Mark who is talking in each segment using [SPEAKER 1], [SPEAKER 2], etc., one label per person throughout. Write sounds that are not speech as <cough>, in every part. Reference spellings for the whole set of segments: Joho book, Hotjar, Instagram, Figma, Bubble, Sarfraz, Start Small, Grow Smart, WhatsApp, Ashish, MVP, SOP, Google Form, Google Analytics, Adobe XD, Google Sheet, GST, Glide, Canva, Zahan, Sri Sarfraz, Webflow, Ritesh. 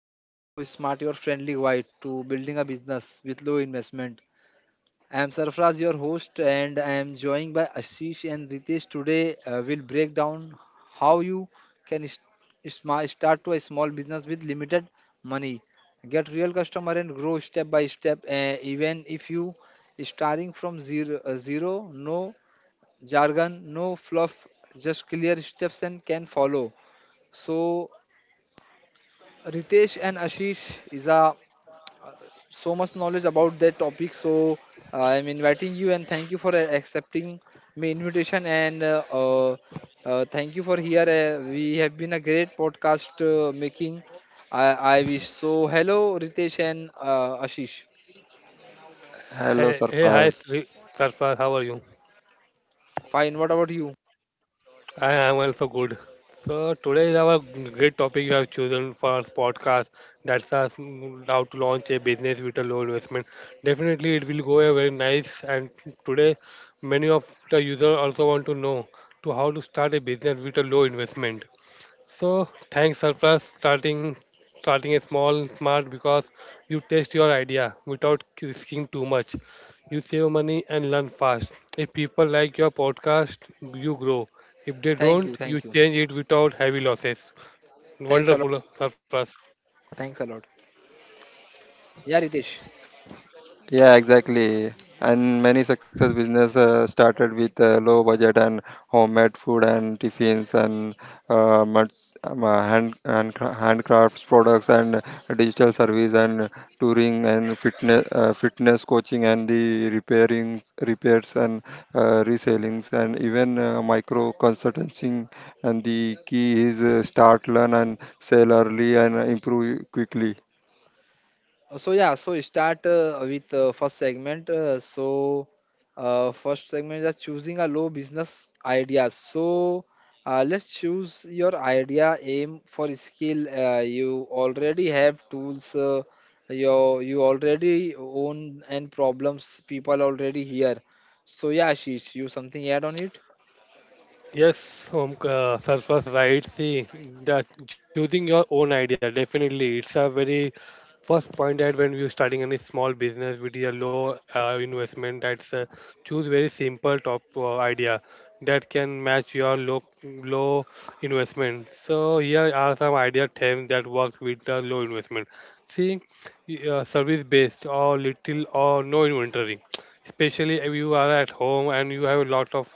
[SPEAKER 1] Small, Grow Smart, your friendly guide to building a business with low investment. I am Sarfraz, your host, and I am joined by Ashish and Ritesh. Today, we'll break down how you can start to a small business with limited money, get real customer, and grow step by step. Even if you starting from zero, no jargon, no fluff, just clear steps and can follow. So Ritesh and Ashish is a so much knowledge about that topic. So I'm inviting you and thank you for accepting my invitation and thank you for here. We have been a great podcast making. I, I wish so. Hello, Ritesh and Ashish.
[SPEAKER 2] Hello,
[SPEAKER 3] Hey, hey, hi,
[SPEAKER 2] Sarfraz.
[SPEAKER 3] Sri Sarfraz, how are you?
[SPEAKER 1] Fine. What about you?
[SPEAKER 3] I am also good. So today is our great topic you have chosen for our podcast. That's us how to launch a business with a low investment. Definitely, it will go a very nice. And today, many of the users also want to know to how to start a business with a low investment. So thanks surplus starting a small smart because you test your idea without risking too much. You save money and learn fast. If people like your podcast, you grow. If they
[SPEAKER 1] Thank
[SPEAKER 3] don't,
[SPEAKER 1] you.
[SPEAKER 3] you
[SPEAKER 1] Thank you.
[SPEAKER 3] change it without heavy losses.
[SPEAKER 1] Thanks a
[SPEAKER 3] Wonderful
[SPEAKER 1] lot.
[SPEAKER 3] surplus.
[SPEAKER 1] Thanks a lot. Yeah, Ritesh.
[SPEAKER 2] Yeah, exactly. And many success business started with low budget and homemade food and tiffins and much, hand, hand handcrafts products and digital service and touring and fitness coaching and the repairing repairs and resellings and even micro consulting. And the key is start, learn and sell early and improve quickly.
[SPEAKER 1] So yeah, so start with first segment. So first segment is choosing a low business idea. So let's choose your idea, aim for skill. You already have tools. You already own and problems people already here. So yeah, Ashish, you something add on it?
[SPEAKER 3] Yes, surface right. See, that choosing your own idea definitely it's a very first point that when you're starting any small business with a low investment, that's choose very simple top idea that can match your low investment. So here are some idea terms that works with the low investment. See, service based or little or no inventory, especially if you are at home and you have a lot of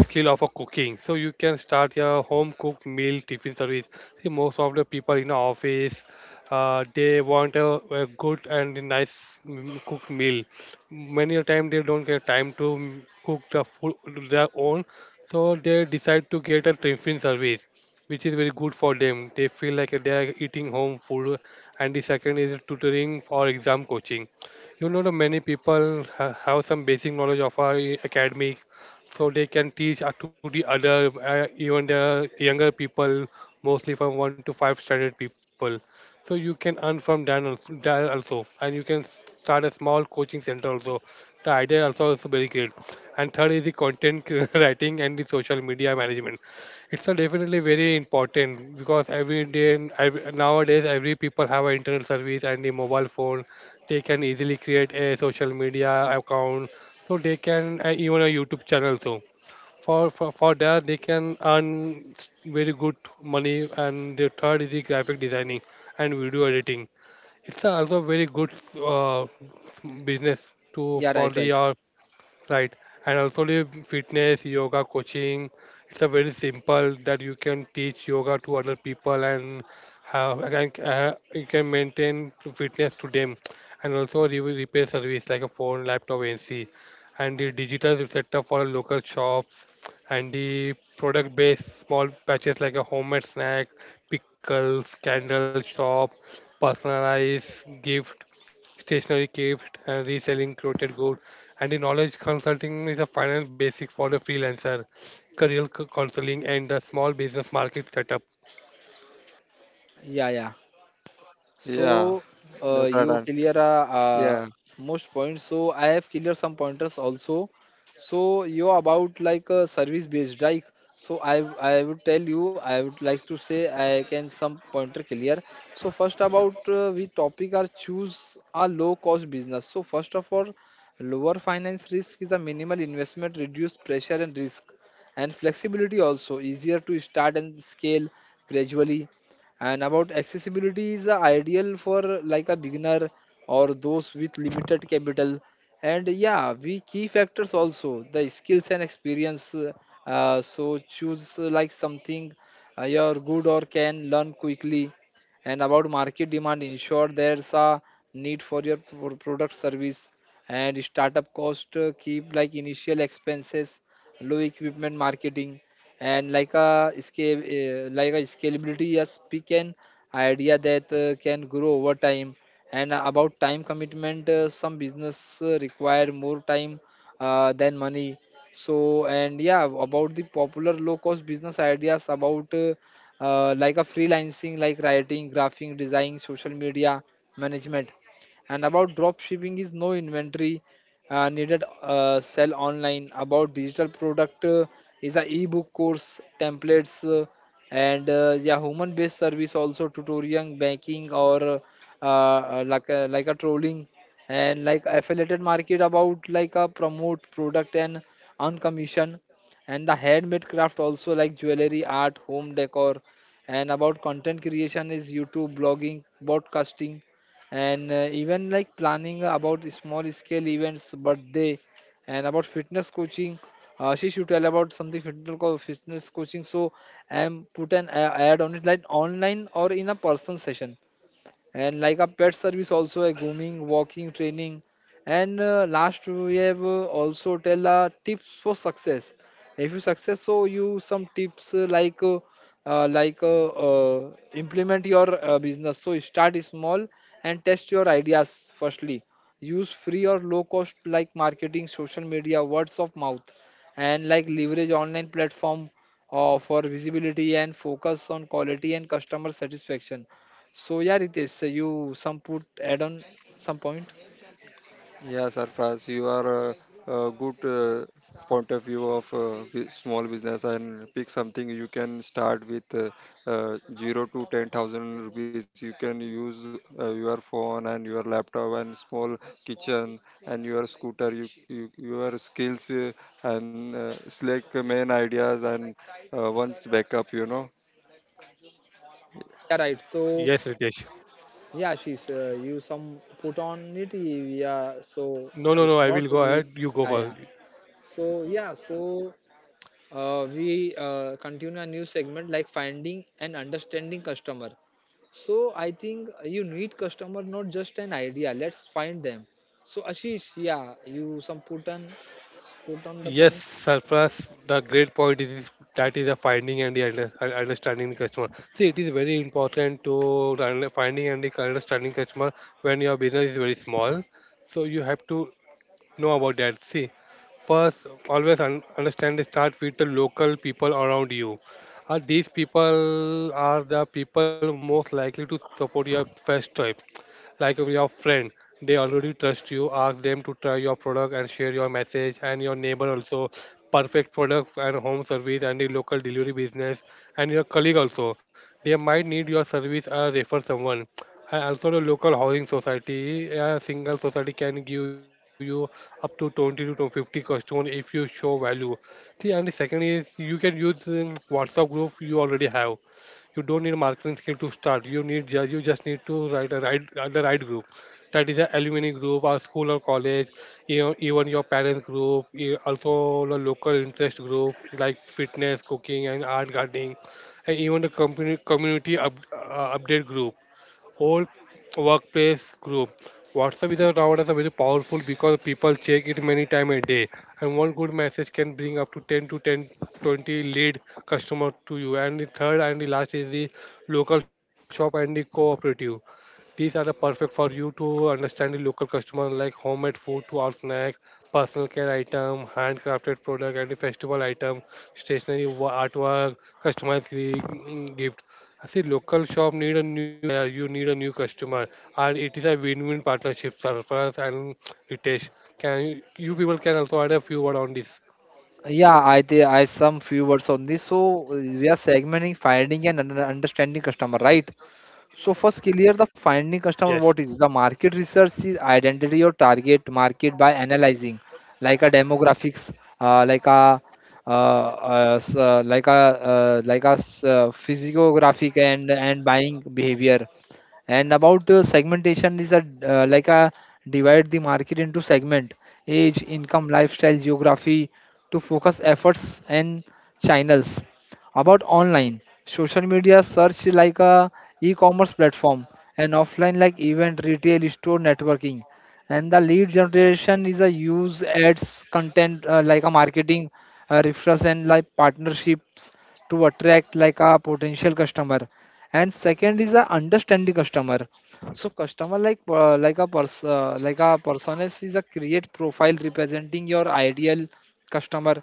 [SPEAKER 3] skill of a cooking, so you can start your home cooked meal tiffin service. See, most of the people in the office they want a good and nice cooked meal. Many a time they don't get time to cook the food their own, so they decide to get a tiffin service, which is very good for them. They feel like they are eating home food. And the second is tutoring for exam coaching. You know, the many people have some basic knowledge of our academic, so they can teach to the other, even the younger people, mostly from one to five standard people. So you can earn from that also, that also, and you can start a small coaching center also. The idea also is very great. And third is the <laughs> writing and the social media management. It's a definitely very important because every day and nowadays every people have an internet service and a mobile phone. They can easily create a social media account, so they can even a youtube channel. So for that they can earn very good money. And the third is the graphic designing and video editing. It's also very good, uh, business to
[SPEAKER 1] Yeah,
[SPEAKER 3] for
[SPEAKER 1] right,
[SPEAKER 3] the
[SPEAKER 1] right.
[SPEAKER 3] Right. And also the fitness, yoga, coaching. It's a very simple that you can teach yoga to other people and have, and you can maintain to fitness to them. And also repair service like a phone, laptop, NC. And the digital setup for local shops, and the product based small batches like a homemade snack, pickles, candle shop, personalized gift, stationery gift, and reselling curated good. And the knowledge consulting is a final basic for the freelancer, counseling, and the small business market setup.
[SPEAKER 1] Yeah, yeah.
[SPEAKER 2] Yeah,
[SPEAKER 1] So
[SPEAKER 2] that's right. And
[SPEAKER 1] you clear
[SPEAKER 2] yeah,
[SPEAKER 1] most points. So I have clear some pointers also. So you about like service based like. So I would tell you I would like to say I can some pointer clear. So first about we topic are choose a low cost business. So first of all, lower finance risk is a minimal investment, reduced pressure and risk, and flexibility also easier to start and scale gradually, and about accessibility is ideal for like a beginner or those with limited capital. And yeah, we key factors also the skills and experience. So choose like something you're good or can learn quickly. And about market demand, ensure there's a need for your product service and startup cost. Keep like initial expenses, low equipment marketing, and like a scale like a scalability a speak an idea that can grow over time, and about time commitment some business require more time than money. So and yeah about the popular low cost business ideas about like a freelancing like writing graphing design social media management. And about drop shipping is no inventory needed sell online. About digital product is a ebook course templates and yeah human based service also tutorial banking or like a trolling and like affiliate market about like a promote product and on commission. And the handmade craft also like jewelry art home decor. And about content creation is youtube blogging broadcasting, and even like planning about small scale events birthday. And about fitness coaching, she should tell about something fitness fitness coaching. So I am put an ad on it like online or in a person session. And like a pet service also a grooming walking training. And last we have also tell tips for success. If you success, so you some tips implement your business. So start small and test your ideas firstly. Use free or low cost like marketing social media words of mouth, and like leverage online platform for visibility, and focus on quality and customer satisfaction. So yeah, Ritesh, so you some put add on some point.
[SPEAKER 2] yeah, Sarfraz, you are a good point of view of small business, and pick something you can start with 0 to 10,000 rupees. You can use your phone and your laptop and small kitchen and your scooter. You, your skills, and select main ideas and once backup. You know.
[SPEAKER 1] Yeah, right. So
[SPEAKER 3] Yes, Ritesh.
[SPEAKER 1] yeah, she's you some put on it. Yeah. So
[SPEAKER 3] No, no,
[SPEAKER 1] if
[SPEAKER 3] no. I
[SPEAKER 1] not,
[SPEAKER 3] will go
[SPEAKER 1] we,
[SPEAKER 3] ahead. You go
[SPEAKER 1] yeah, yeah.
[SPEAKER 3] first.
[SPEAKER 1] So yeah. So we continue a new segment like finding and understanding customer. So I think you need customer not just an idea. Let's find them. So Ashish, yeah, you some put on put on the
[SPEAKER 3] Yes,
[SPEAKER 1] point.
[SPEAKER 3] surplus. The great point is that is the finding and the understanding the customer. See, it is very important to finding and the understanding customer when your business is very small. So you have to know about that. See, first, always understand the start with the local people around you. Are these people are the people most likely to support your first type? Like if your friend, they already trust you. Ask them to try your product and share your message. And your neighbor also, perfect product and home service and the local delivery business, and your colleague also. They might need your service or refer someone. And also the local housing society, a single society can give you up to 20 to 50 customer if you show value. See, and the second is you can use WhatsApp group you already have. You don't need marketing skill to start. You need you just need to write a right the right group. That is a alumni group, or school or college, you know, even your parents group, also the local interest group like fitness, cooking, and art gardening, and even the company community update group whole workplace group. WhatsApp is a, nowadays a very powerful because people check it many time a day, and one good message can bring up to 10 to 10 to 20 lead customer to you. And the third and the last is the local shop and the cooperative. These are the perfect for you to understand the local customer like homemade food to our snack, personal care item, handcrafted product and the festival item, artwork, gift. I see local shop need a new, you need a new customer, and it is a win-win partnership. Surface and Ritesh, can you, you people can also add a few word on this?
[SPEAKER 1] Yeah, I some few words on this. So we are segmenting finding and understanding customer, right? So first clear the finding customer what
[SPEAKER 3] Yes,
[SPEAKER 1] is the market research is identity or target market by analyzing like a demographics, like a like a like a physiographic and buying behavior, and about segmentation is a like a divide the market into segment, age, income, lifestyle, geography to focus efforts and channels. About online, social media search like a e-commerce platform, and offline like event, retail, store, networking. And the lead generation is a use ads content like a marketing, referrals and like partnerships to attract like a potential customer. And second is a understanding customer. So customer like a person is a create profile representing your ideal customer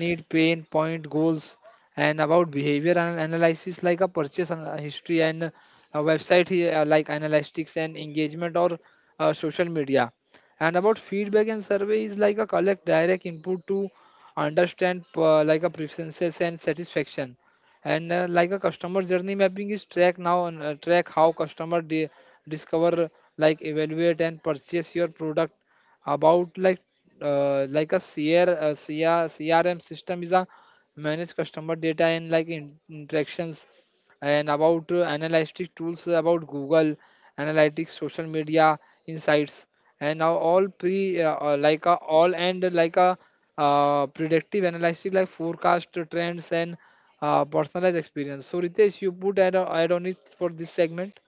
[SPEAKER 1] need pain point goals. And about behavior and analysis like a purchase history and a website here, like analytics and engagement or social media. And about feedback and survey is like a collect direct input to understand like a preferences and satisfaction. And like a customer journey mapping is track now and track how customer discover like evaluate and purchase your product. About like a CRM system is a manage customer data and like interactions. And about analytic tools about google analytics social media insights. And now all pre like a all and like a predictive analysis like forecast trends and personalized experience. So Ritesh, you put add on it for this segment.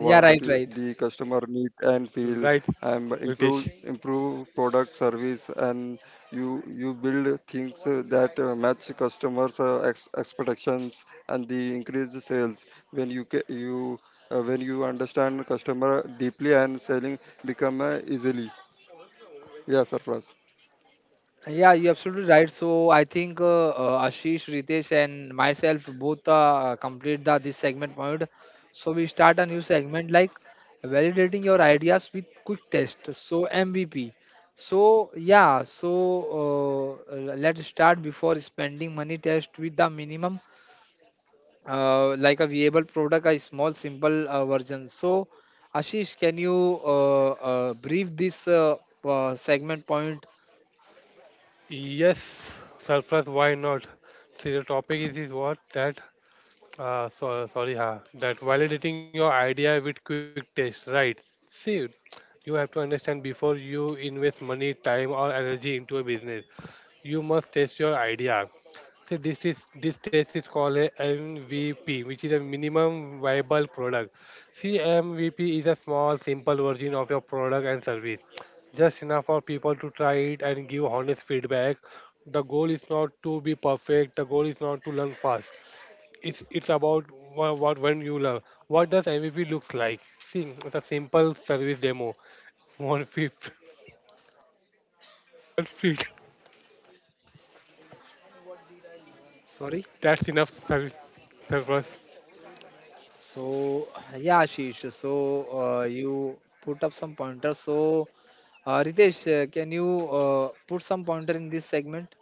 [SPEAKER 1] Yeah, right, right.
[SPEAKER 3] right, Ritesh.
[SPEAKER 1] Yeah, you're absolutely right. So I think Ashish, Ritesh, and myself both complete the this segment point. So we start a new segment like validating your ideas with quick test. So MVP. So yeah, so let's start before spending money test with the minimum like a viable product, a small, simple version. So, Ashish, can you brief this segment point?
[SPEAKER 3] Yes, surface. Why not? See, the topic is what that sorry, ha. That validating your idea with quick test, right? See, you have to understand before you invest money, time, or energy into a business, you must test your idea. So this test is called a MVP, which is a minimum viable product. See, MVP is a small, simple version of your product and service, just enough for people to try it and give honest feedback. The goal is not to be perfect. The goal is not to learn fast. It's about what when you love. What does MVP looks like? See, it's a simple service demo. One fifth <laughs> 1 feet.
[SPEAKER 1] Sorry.
[SPEAKER 3] That's enough service surplus.
[SPEAKER 1] So, yeah, Ashish. So, you put up some pointers. So, Ritesh, can you put some pointer in this segment?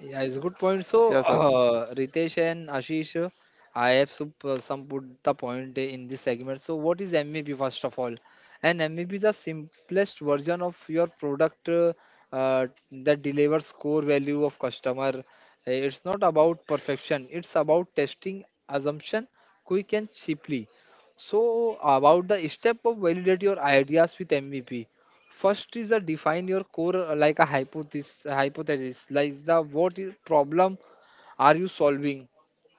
[SPEAKER 1] Yeah, it's a good point. So, <clears throat> Ritesh and Ashish, I have some put the point in this segment. So, what is MVP first of all? And MVP is the simplest version of your product that delivers core value of customer. It's not about perfection. It's about testing assumption quick and cheaply. So, about the step of validate your ideas with MVP. First is the define your core like a hypothesis like the what problem are you solving?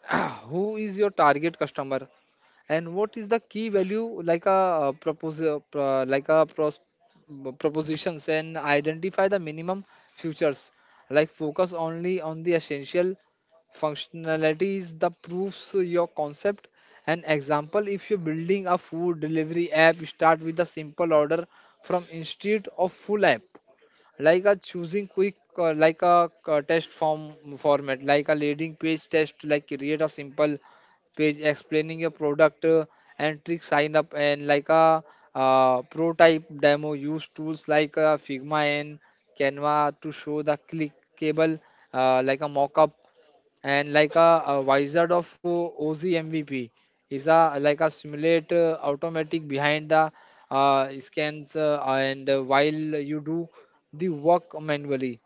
[SPEAKER 1] <clears throat> Who is your target customer? And what is the key value like a proposal, like a pros, propositions, and identify the minimum futures. Like focus only on the essential functionalities, the proofs your concept. An example: if you're building a food delivery app, start with a simple order from instead of full app like a choosing quick like a test form format like a leading page test like create a simple page explaining your product and trick sign up and like a prototype demo use tools like figma and canva to show the clickable like a mock-up, and like a wizard of oz MVP is a like a simulate automatic behind the scans and while you do the work manually.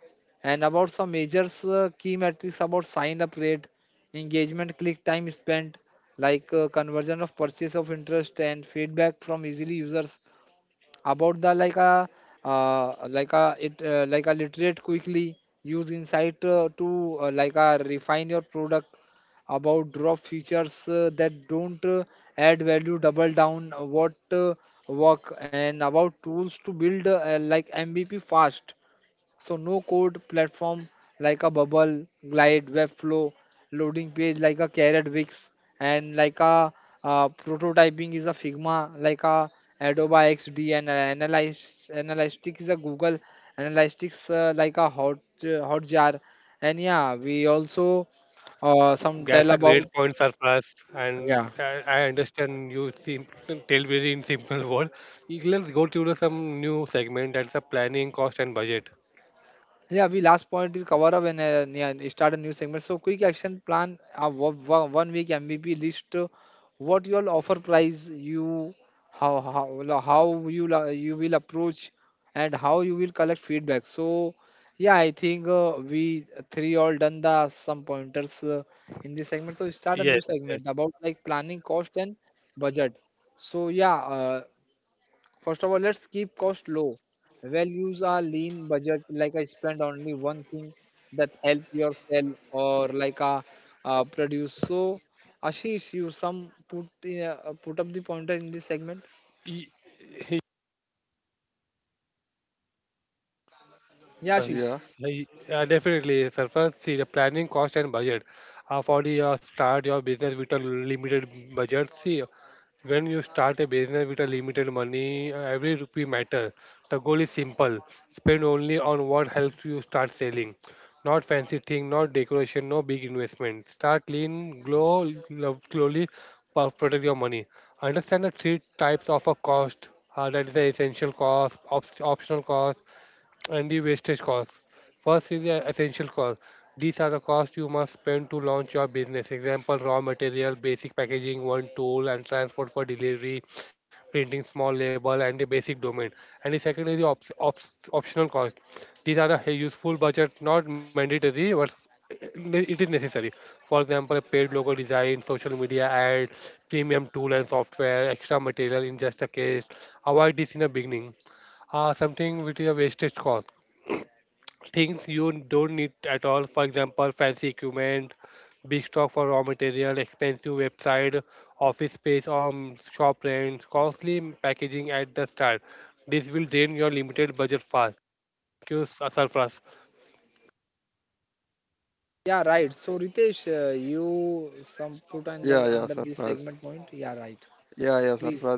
[SPEAKER 1] And about some majors key metrics about sign up rate engagement click time spent like conversion of purchase of interest and feedback from easily users. About the like a it like a literate quickly use insight to like a refine your product. About drop features that don't add value double down what work. And about tools to build like MVP fast. So no code platform like a bubble, glide, webflow, loading page like a carrot wix, and like a prototyping is a Figma, like a Adobe XD, and analyze analytics is a Google analytics like a hotjar. And yeah we also some tell
[SPEAKER 3] That's a great
[SPEAKER 1] about
[SPEAKER 3] point surplus, and
[SPEAKER 1] yeah.
[SPEAKER 3] I understand you seem tell very in simple <laughs> word. Let's go to the some new segment. That's a planning cost and budget.
[SPEAKER 1] Yeah, we last point is cover up and yeah, start a new segment. So quick action plan, 1 week MVP list, what you'll offer price, you how lo- how you lo- you will approach, and how you will collect feedback. So yeah, I think we three all done the some pointers in this segment. So start a new
[SPEAKER 3] Yes, yes.
[SPEAKER 1] segment about like planning cost and budget. So yeah, first of all, let's keep cost low. Values are lean budget, like I spend only one thing that help your sell or like a, produce. So, Ashish, you some put in, put up the pointer in this segment.
[SPEAKER 3] Y-
[SPEAKER 1] Yeah, Ashish.
[SPEAKER 3] definitely, sir. First, see the planning cost and budget. For the start your business with a limited budget, see, when you start a business with a limited money, every rupee matter. The goal is simple: spend only on what helps you start selling. Not fancy thing, not decoration, no big investment. Start lean, glow, love slowly, protect your money. Understand the three types of a cost. That is the essential cost, optional cost, and the wastage cost. First is the essential cost. These are the costs you must spend to launch your business. Example, raw material, basic packaging, one tool, and transport for delivery, printing small label, and the basic domain. And the second is the optional cost. These are a useful budget, not mandatory, but <clears throat> it is necessary. For example, a paid logo design, social media ad, premium tool and software, extra material in just a case. Avoid this in the beginning. Something which is a wastage cost, things you don't need at all. For example, fancy equipment, big stock for raw material, expensive website, office space or shop rent, costly packaging at the start. This will drain your limited budget fast. Thank you, Sarfraz.
[SPEAKER 1] Yeah, right. So, Ritesh, you some put under this segment point. Yeah, right. Please.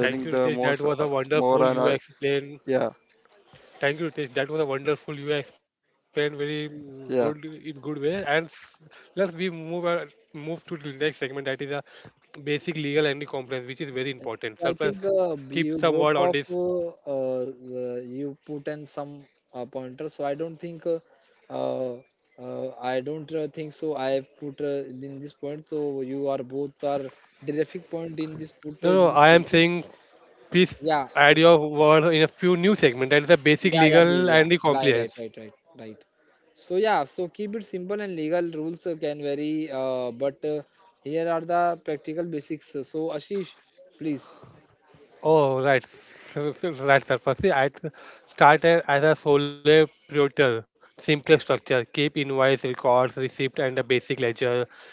[SPEAKER 3] Thank you, Ritesh. That was a wonderful you explained. Thank you, Tish. That was a wonderful. You explained very good in good way. And let's we move to the next segment that is a basic legal and the compliance, which is very important. So
[SPEAKER 1] So, I
[SPEAKER 3] first,
[SPEAKER 1] think
[SPEAKER 3] keep
[SPEAKER 1] you
[SPEAKER 3] some
[SPEAKER 1] both
[SPEAKER 3] word on
[SPEAKER 1] of
[SPEAKER 3] this.
[SPEAKER 1] you put in some pointers. So uh, I don't think so. I have put in this point. So you are both are terrific point in this put
[SPEAKER 3] No,
[SPEAKER 1] in
[SPEAKER 3] no,
[SPEAKER 1] this
[SPEAKER 3] I am
[SPEAKER 1] segment.
[SPEAKER 3] saying please
[SPEAKER 1] Yeah, uh,
[SPEAKER 3] add your word in a few new segment. That is a basic
[SPEAKER 1] yeah, yeah,
[SPEAKER 3] legal
[SPEAKER 1] be- yeah.
[SPEAKER 3] and the
[SPEAKER 1] Lie, right,
[SPEAKER 3] compliance.
[SPEAKER 1] right, right, right. So yeah, so keep it simple and legal rules can vary. But here are the practical basics. So Ashish, please.
[SPEAKER 3] Oh, right. Right, sir. Firstly, started as a sole proprietor, simple structure, keep invoice, records, receipt, and a basic ledger.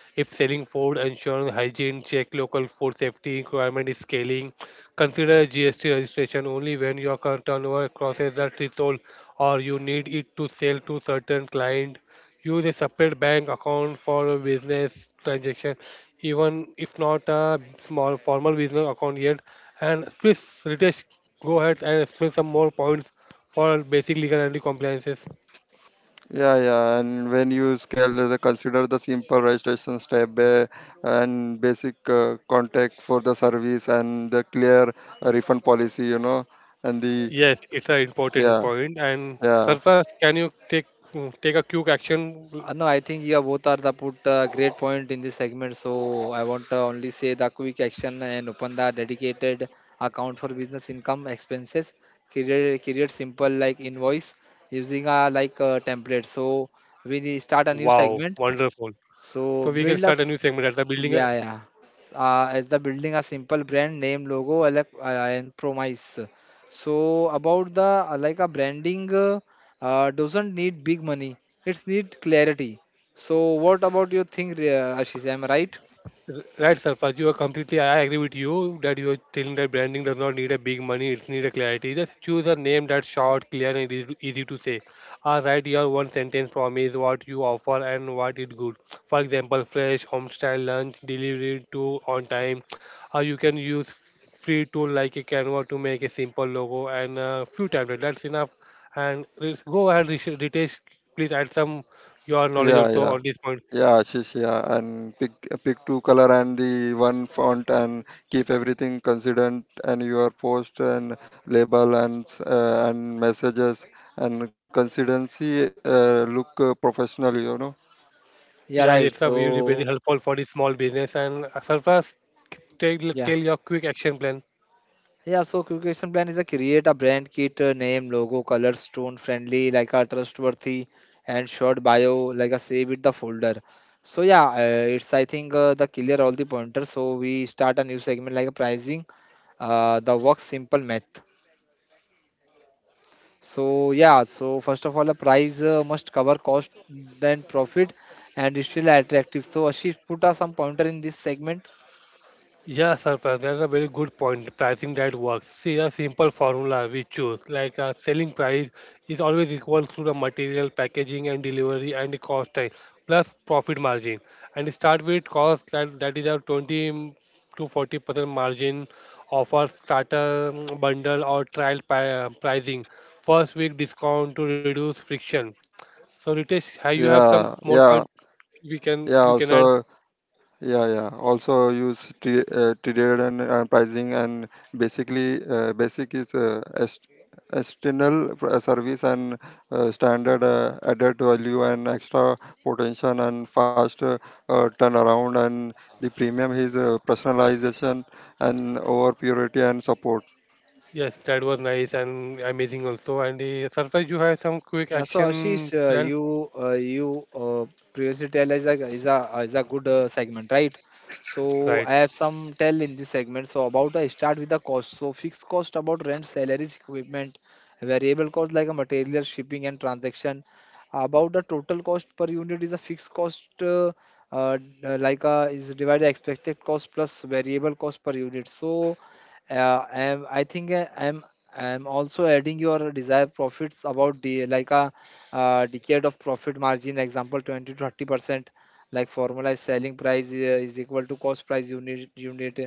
[SPEAKER 3] If selling food, ensure hygiene, check local food safety requirement is scaling. Consider GST registration only when your turnover crosses the threshold or you need it to sell to certain client, use a separate bank account for a business transaction, even if not a small formal business account yet. And please, Ritesh, go ahead and explain some more points for basic legal and compliances. Yes, it's an important point. And Surface, can you take take a quick action?
[SPEAKER 1] No, I think you both are the put great point in this segment. So I want to only say the quick action and open the dedicated account for business income expenses. Create simple like invoice using a like a template. So we need start a new
[SPEAKER 3] Wow,
[SPEAKER 1] segment.
[SPEAKER 3] wonderful. So we
[SPEAKER 1] So
[SPEAKER 3] can start
[SPEAKER 1] build
[SPEAKER 3] a new
[SPEAKER 1] us
[SPEAKER 3] segment at the building.
[SPEAKER 1] yeah, yeah. As the building a simple brand name, logo, and promise. So about the like a branding doesn't need big money. It's need clarity. So what about your thing, Ashish? Am I right?
[SPEAKER 3] Right, Sarfaz, you are completely. I agree with you that you are telling that branding does not need a big money. It needs a clarity. Just choose a name that's short, clear, and easy to say. Or write your one sentence promise what you offer and what it good. For example, fresh, home style lunch, delivered to on time. Or you can use free tool like a Canva to make a simple logo and a few templates. That's enough. And let's go ahead, Ritesh. Please add some your knowledge also on this point. Yeah,
[SPEAKER 1] Yeah,
[SPEAKER 3] it's
[SPEAKER 1] right.
[SPEAKER 3] a very
[SPEAKER 1] So
[SPEAKER 3] helpful for the small business. And Surface, tell,
[SPEAKER 1] yeah.
[SPEAKER 3] tell your quick action plan.
[SPEAKER 1] Yeah, so quick action plan is a create a brand kit, name, logo, color, stone friendly, like a trustworthy, and short bio, like a save it the folder. So yeah, it's I think the clear all the pointers. So we start a new segment like a pricing, the work simple math. So yeah, so first of all, the price must cover cost, then profit, and it's still attractive. So Ashish, put us some pointer in this segment.
[SPEAKER 3] Yeah, Surface, that's a very good point. Pricing that works. See, a simple formula we choose, like a selling price is always equal to the material, packaging, and delivery, and the cost time, plus profit margin. And start with cost that is a 20 to 40% margin offer starter bundle or pricing. First week discount to reduce friction. So Ritesh, have you have some more point we can you can add? Yes, that was nice and amazing also. And the surface you have some quick
[SPEAKER 1] Yeah, so Ashish,
[SPEAKER 3] action plan,
[SPEAKER 1] you previously tell is a good segment, right? So I
[SPEAKER 3] right?
[SPEAKER 1] have some tell in this segment. So about the start with the cost. So fixed cost about rent, salaries, equipment, variable cost like a material, shipping and transaction. About the total cost per unit is a fixed cost uh, like a is divided expected cost plus variable cost per unit. So I think I'm also adding your desired profits about the like a decade of profit margin example 20 to 30% like formula is selling price is equal to cost price unit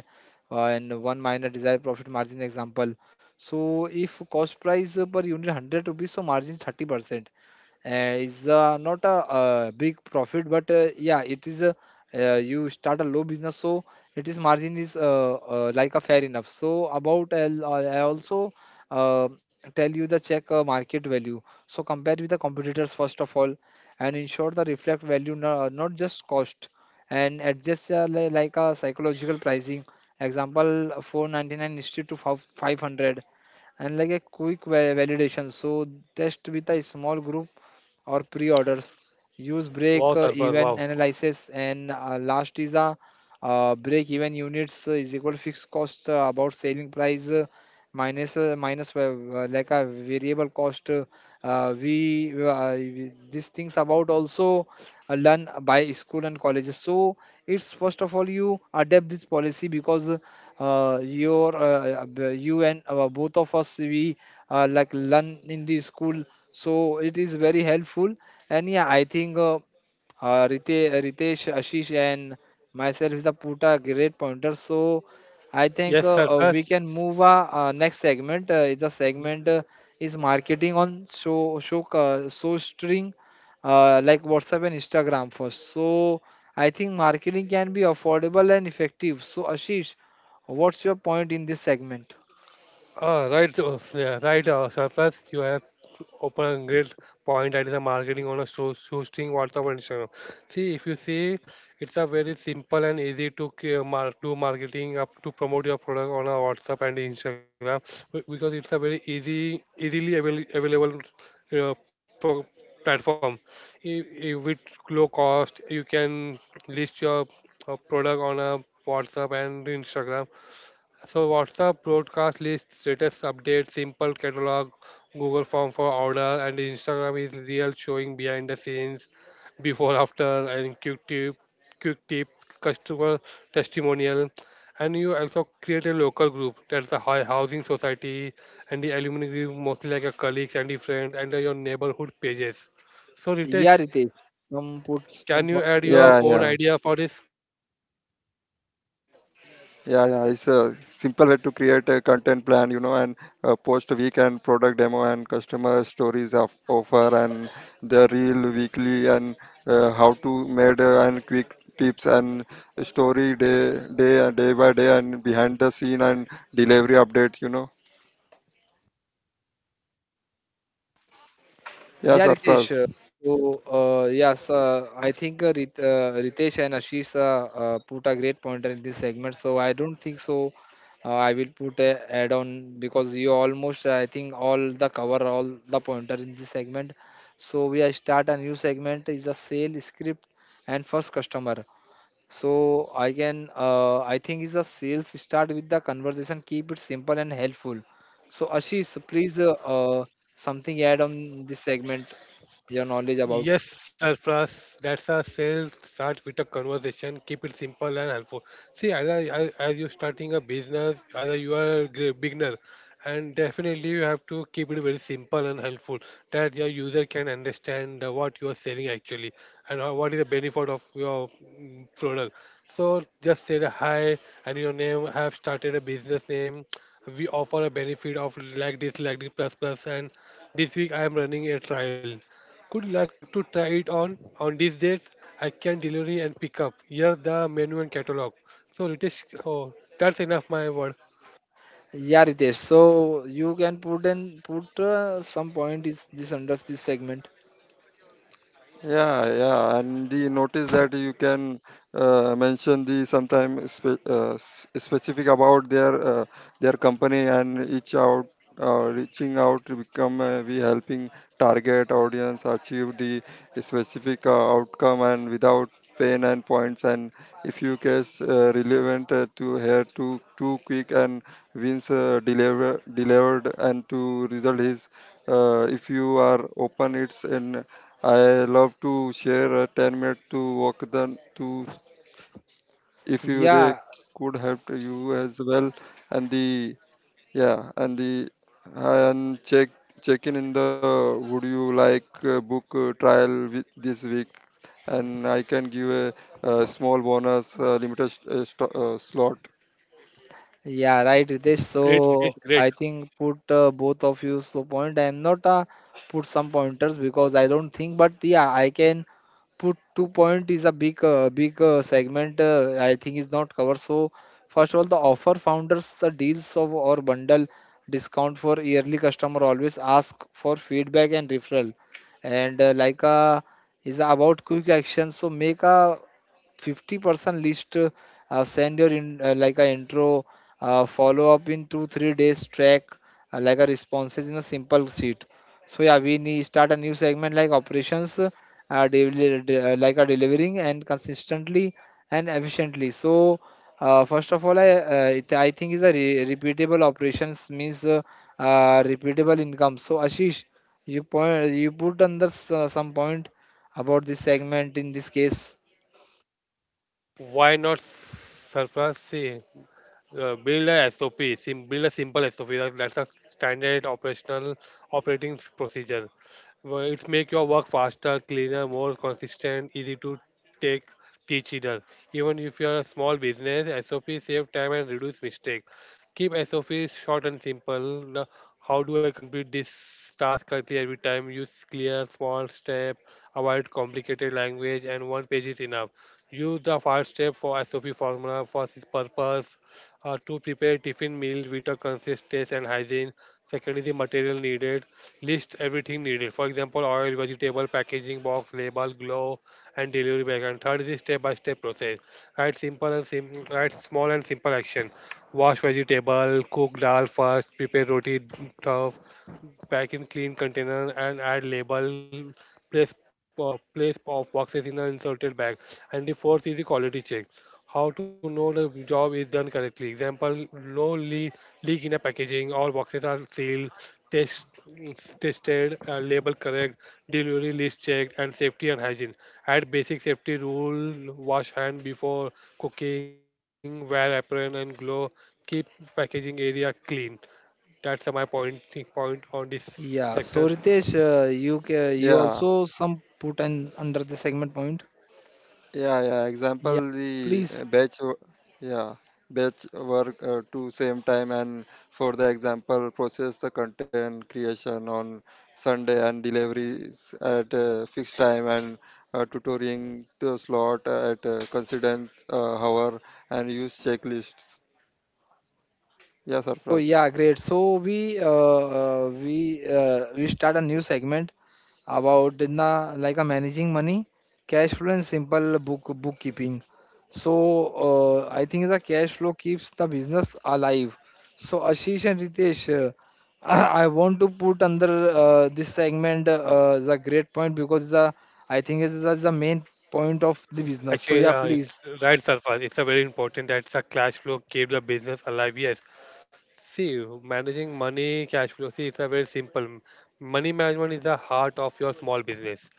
[SPEAKER 1] and one minor desired profit margin example so if cost price per unit 100 rupees so margin 30% uh, is not a, big profit, but yeah, it is a you start a low business so it is margin is like a fair enough so about I also uh, tell you the check market value so compare with the competitors first of all and ensure the reflect value not just cost and adjust like a psychological pricing example 499 instead to 5 500 and like a quick validation so test with a small group or pre-orders. Use break
[SPEAKER 3] Wow, surface,
[SPEAKER 1] even
[SPEAKER 3] wow.
[SPEAKER 1] analysis and last is a break even units is equal fixed cost about selling price minus like a variable cost. We these things about also learn by school and colleges. So it's first of all you adapt this policy because your you and both of us we like learn in the school so it is very helpful. And yeah, I think Ritesh, Ashish, and myself is the put a great pointer. So I think
[SPEAKER 3] Yes,
[SPEAKER 1] we
[SPEAKER 3] surface.
[SPEAKER 1] can move our next segment. Is a segment is marketing on show string like WhatsApp and Instagram first. So I think marketing can be affordable and effective. So Ashish, what's your point in this segment?
[SPEAKER 3] So first, you have open a great point, that is a marketing on a show, hosting WhatsApp and Instagram. See, if you see, it's a very simple and easy to do marketing up to promote your product on a WhatsApp and Instagram because it's a very easy, available uh, pro- platform. I- With low cost, you can list your product on a WhatsApp and Instagram, so WhatsApp broadcast list, status update, simple catalog, Google form for order, and Instagram is real showing behind the scenes, before after, and quick tip, customer testimonial, and you also create a local group. That's a high housing society and the alumni group, mostly like your colleagues and the friends, and your neighborhood pages. So
[SPEAKER 1] Yeah,
[SPEAKER 3] Ritesh,
[SPEAKER 1] Ritesh, some put some
[SPEAKER 3] can you add
[SPEAKER 1] point in
[SPEAKER 3] your
[SPEAKER 1] this.
[SPEAKER 3] own idea for this?
[SPEAKER 1] Yeah, Ritesh. So, yes, I think Ritesh and Ashish put a great pointer in this segment. So, I don't think so. I will put a add on because you almost, I think, all the cover all the pointer in this segment. So, we are start a new segment is the sale script and first customer. So, I can, I think, is a sales start with the conversation. Keep it simple and helpful. So, Ashish, please. Uh, Something add on this segment your knowledge about
[SPEAKER 3] Yes, sir, Pras, that's our sales. Start with a conversation. Keep it simple and helpful. See, as you're starting a business, either you are a beginner, and definitely you have to keep it very simple and helpful that your user can understand what you are selling actually and how, what is the benefit of your product. So just say the hi and your name. I have started a business name. We offer a benefit of like this, plus plus, and this week I am running a trial. Could you like to try it on these days? I can delivery and pick up. Here the menu and catalog. So Ritesh, oh, that's enough my word.
[SPEAKER 1] yeah Ritesh so you can put and put some point is this under this segment yeah. Yeah, right, Ritesh.
[SPEAKER 3] Great, Ritesh,
[SPEAKER 1] So
[SPEAKER 3] great.
[SPEAKER 1] I think put both of you so point. I am not put some pointers because I don't think, but yeah, I can put two point is a big segment. I think is not covered. So first of all, the offer founders the deals of or bundle discount for yearly customer always ask for feedback and referral, and like is about quick action. So make a 50% list send your in, like a intro follow up in 2 or 3 days track like a responses in a simple sheet so yeah we need start a new segment like operations like a delivering and consistently and efficiently so first of all I think is a repeatable operations means repeatable income so ashish you point you put under some point about this segment in this case.
[SPEAKER 3] Why not surprise? See, build a simple SOP. That's a standard operational operating procedure. Well, it's make your work faster, cleaner, more consistent, easy to take teach either. Even if you're a small business, SOP save time and reduce mistake. Keep SOPs short and simple. The- How do I complete this task correctly every time? Use clear small step, avoid complicated language, and one page is enough. Use the file step for SOP formula for this purpose to prepare tiffin meals with a consistency and hygiene. Second is the material needed. List everything needed. For example, oil, vegetable, packaging box, label, glove, and delivery bag. And third is the step-by-step process. Right, small and simple action. Wash vegetable, cook dal first, prepare roti stuff, pack in clean container, and add label. Place of boxes in an inserted bag. And the fourth is the quality check, how to know the job is done correctly. Example, no leak, leak in a packaging, all boxes are sealed, test, tested, label correct, delivery list checked, and safety and hygiene. Add basic safety rule, wash hand before cooking, wear apron and glove, keep packaging area clean. That's my point on this sector.
[SPEAKER 1] Yeah, so Ritesh, you also some put in under the segment point. Yeah, please. So yeah, great. So we start a new segment about in the like a managing money, cash flow and simple bookkeeping. So I think the cash flow keeps the business alive. So Ashish and Ritesh, <clears throat> I want to put under this segment the great point because the I think is the main point of the business. So
[SPEAKER 3] Actually,
[SPEAKER 1] yeah, please.
[SPEAKER 3] right, Sarfaz, it's a very important. That's a cash flow, keep the business alive. Yes, see, managing money, cash flow, see, it's a very simple. Money management is the heart of your small business.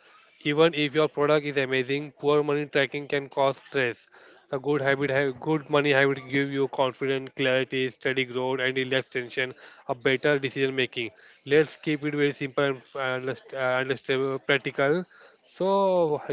[SPEAKER 3] Even if your product is amazing, poor money tracking can cause stress. A good money habit give you confidence, clarity, steady growth, and less tension, a better decision making. Let's keep it very simple and f- and practical. So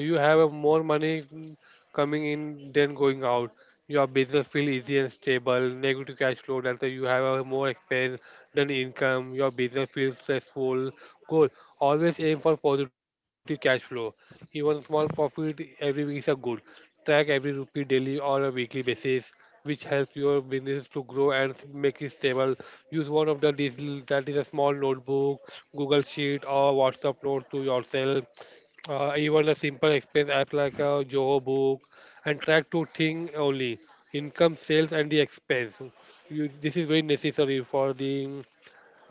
[SPEAKER 3] you have more money coming in than going out. Your business feel easy and stable. Negative cash flow, that you have a more expense than income, your business feels stressful. Goal. Always aim for positive cash flow. Even small profit every week is a good. Track every rupee daily or a weekly basis, which helps your business to grow and make it stable. Use one of the digital, that is a small notebook, Google Sheet or WhatsApp note to yourself. Even a simple expense app like a Joho book, and track two thing only: income, sales, and the expense. You, this is very necessary for the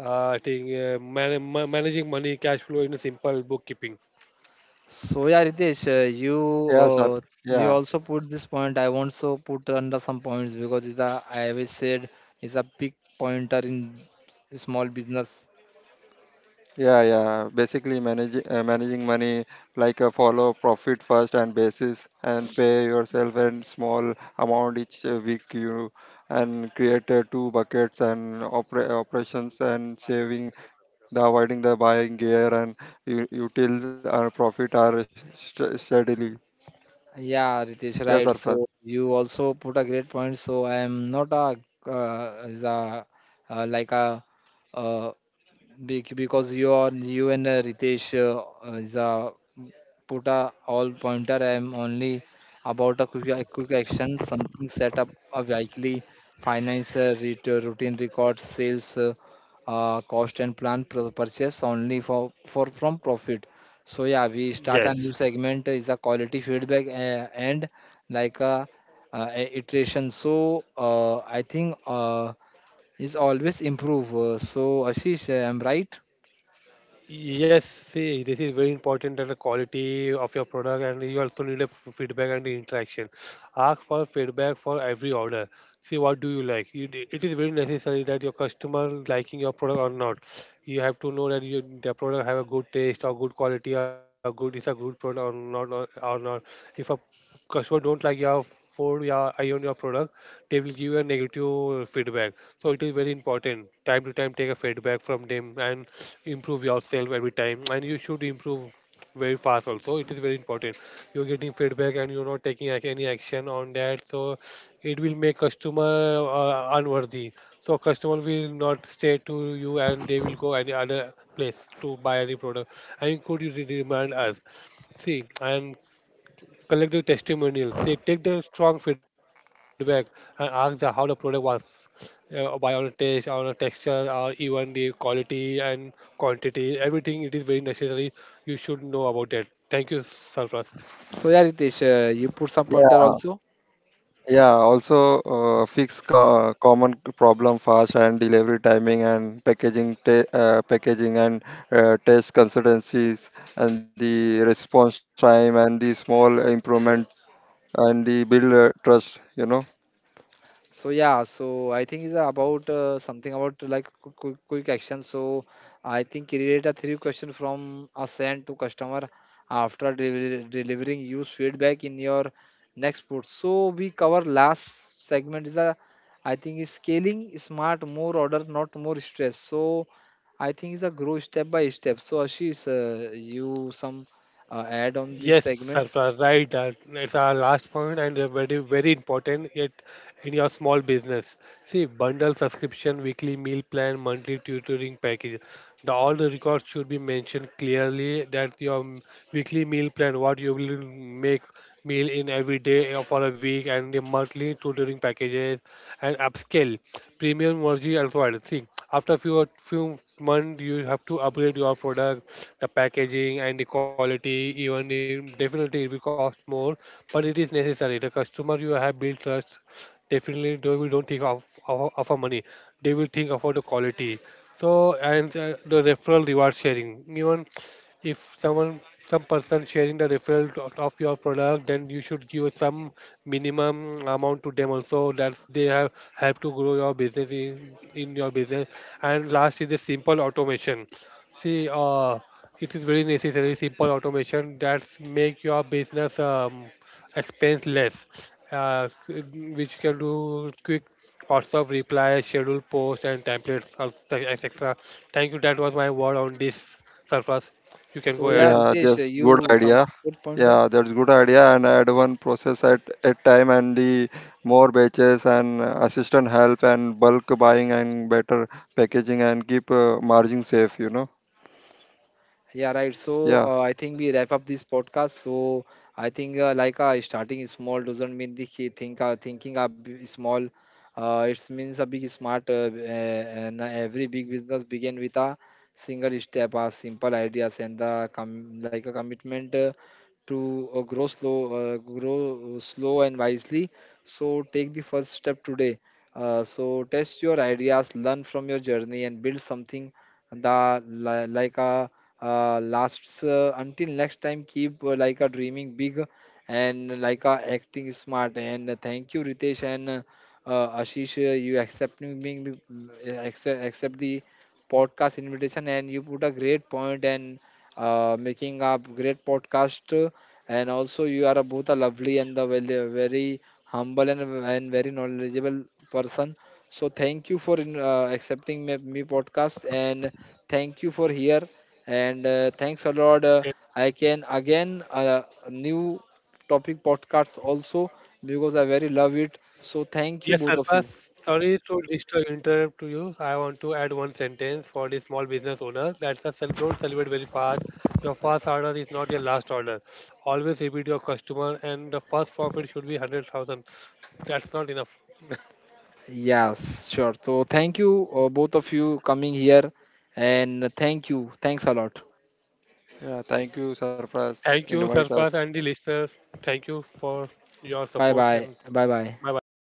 [SPEAKER 3] I think managing money, cash flow in a simple bookkeeping.
[SPEAKER 1] So yeah, Ritesh, uh, you also put this point. I want to put under some points because it's a I always said it's a big pointer in small business. Yeah, Ritesh, right. So you also put a great point. So I am not a is a like a uh, because you are you and Ritesh is a put a all pointer. I am only about a quick action, something set up a weekly finance routine record, sales, cost and plan purchase only for from profit. So yeah, we start a new
[SPEAKER 3] Yes.
[SPEAKER 1] segment is a quality feedback and like a iteration. So I think is always improve. So Ashish, I'm right.
[SPEAKER 3] Yes, see, this is very important and the quality of your product, and you also need a feedback and the interaction. Ask for feedback for every order. See what do you like. It is very necessary that your customer liking your product or not. You have to know that you, the product have a good taste or good quality or good is a good product or not, or or not. If a customer don't like your food, your on your product, they will give you a negative feedback. So it is very important. Time to time, take a feedback from them and improve yourself every time, and you should improve very fast also. It is very important you're getting feedback and you're not taking any action on that, so it will make customer unworthy, so customer will not stay to you and they will go any other place to buy any product and could you really remind us. See, and collective testimonials. They take the strong feedback and ask the how the product was by our taste, our texture, or even the quality and quantity. Everything it is very necessary. You should know about that. Thank you, Sarfraz.
[SPEAKER 1] So yeah, Ritesh, you put some pointer also. So yeah, so I think it's about something about like quick action. So I think create a three question from a send to customer after delivery, delivering use feedback in your next put. So we cover last segment is a I think is scaling smart more order not more stress. So I think it's a grow step by step. So Ashish, you some add on this
[SPEAKER 3] Yes,
[SPEAKER 1] segment.
[SPEAKER 3] Sarfraz, right. It's our last point and very, very important yet in your small business. See, bundle subscription, weekly meal plan, monthly tutoring package. All the records should be mentioned clearly that your weekly meal plan, what you will make meal in every day or for a week, and the monthly tutoring packages and upscale premium version required. See, after few months, you have to upgrade your product, the packaging and the quality. Even if definitely it will cost more, but it is necessary the customer you have built trust, definitely they will don't think of of our money, they will think about the quality. So, and the referral reward sharing. Even if some person sharing the referral of your product, then you should give some minimum amount to them also, that they have help to grow your business in your business. And last is the simple automation. See, it is very necessary simple automation that make your business expense less, uh, which can do quick WhatsApp replies, schedule post, and templates, etc. Thank you. That was my word on this surface. You can
[SPEAKER 1] So
[SPEAKER 3] go
[SPEAKER 1] yeah,
[SPEAKER 3] ahead.
[SPEAKER 1] Ritesh, you some good pointer. Yeah, right. So I think we wrap up this podcast. So I think like starting small doesn't mean the key thinking a small. It means a big smart. And every big business begin with a single step, a simple ideas, and the like a commitment to grow slow and wisely. So take the first step today. So test your ideas, learn from your journey, and build something like a lasts until next time keep like a dreaming big and like a acting smart and thank you Ritesh and Ashish, you accepting being accept the podcast invitation and you put a great point and making a great podcast and also you are a, both a lovely and the very, very humble and, very knowledgeable person so thank you for accepting me podcast and thank you for here and thanks a lot. I can again new topic podcasts also because I very love it. So thank you
[SPEAKER 3] Yes,
[SPEAKER 1] both
[SPEAKER 3] sir.
[SPEAKER 1] of you.
[SPEAKER 3] First, sorry to disturb, interrupt to you. I want to add one sentence for the small business owner. That's a sell, don't celebrate very fast. Your first order is not your last order. Always repeat your customer, and the first profit should be 100,000. That's not enough.
[SPEAKER 1] Yes, sure. So thank you both of you coming here and thank you. Thanks a lot.
[SPEAKER 3] Thank you, Surface and the listener. Thank you for your
[SPEAKER 1] Bye
[SPEAKER 3] support,
[SPEAKER 1] bye.
[SPEAKER 3] and
[SPEAKER 1] Bye bye.
[SPEAKER 3] bye bye.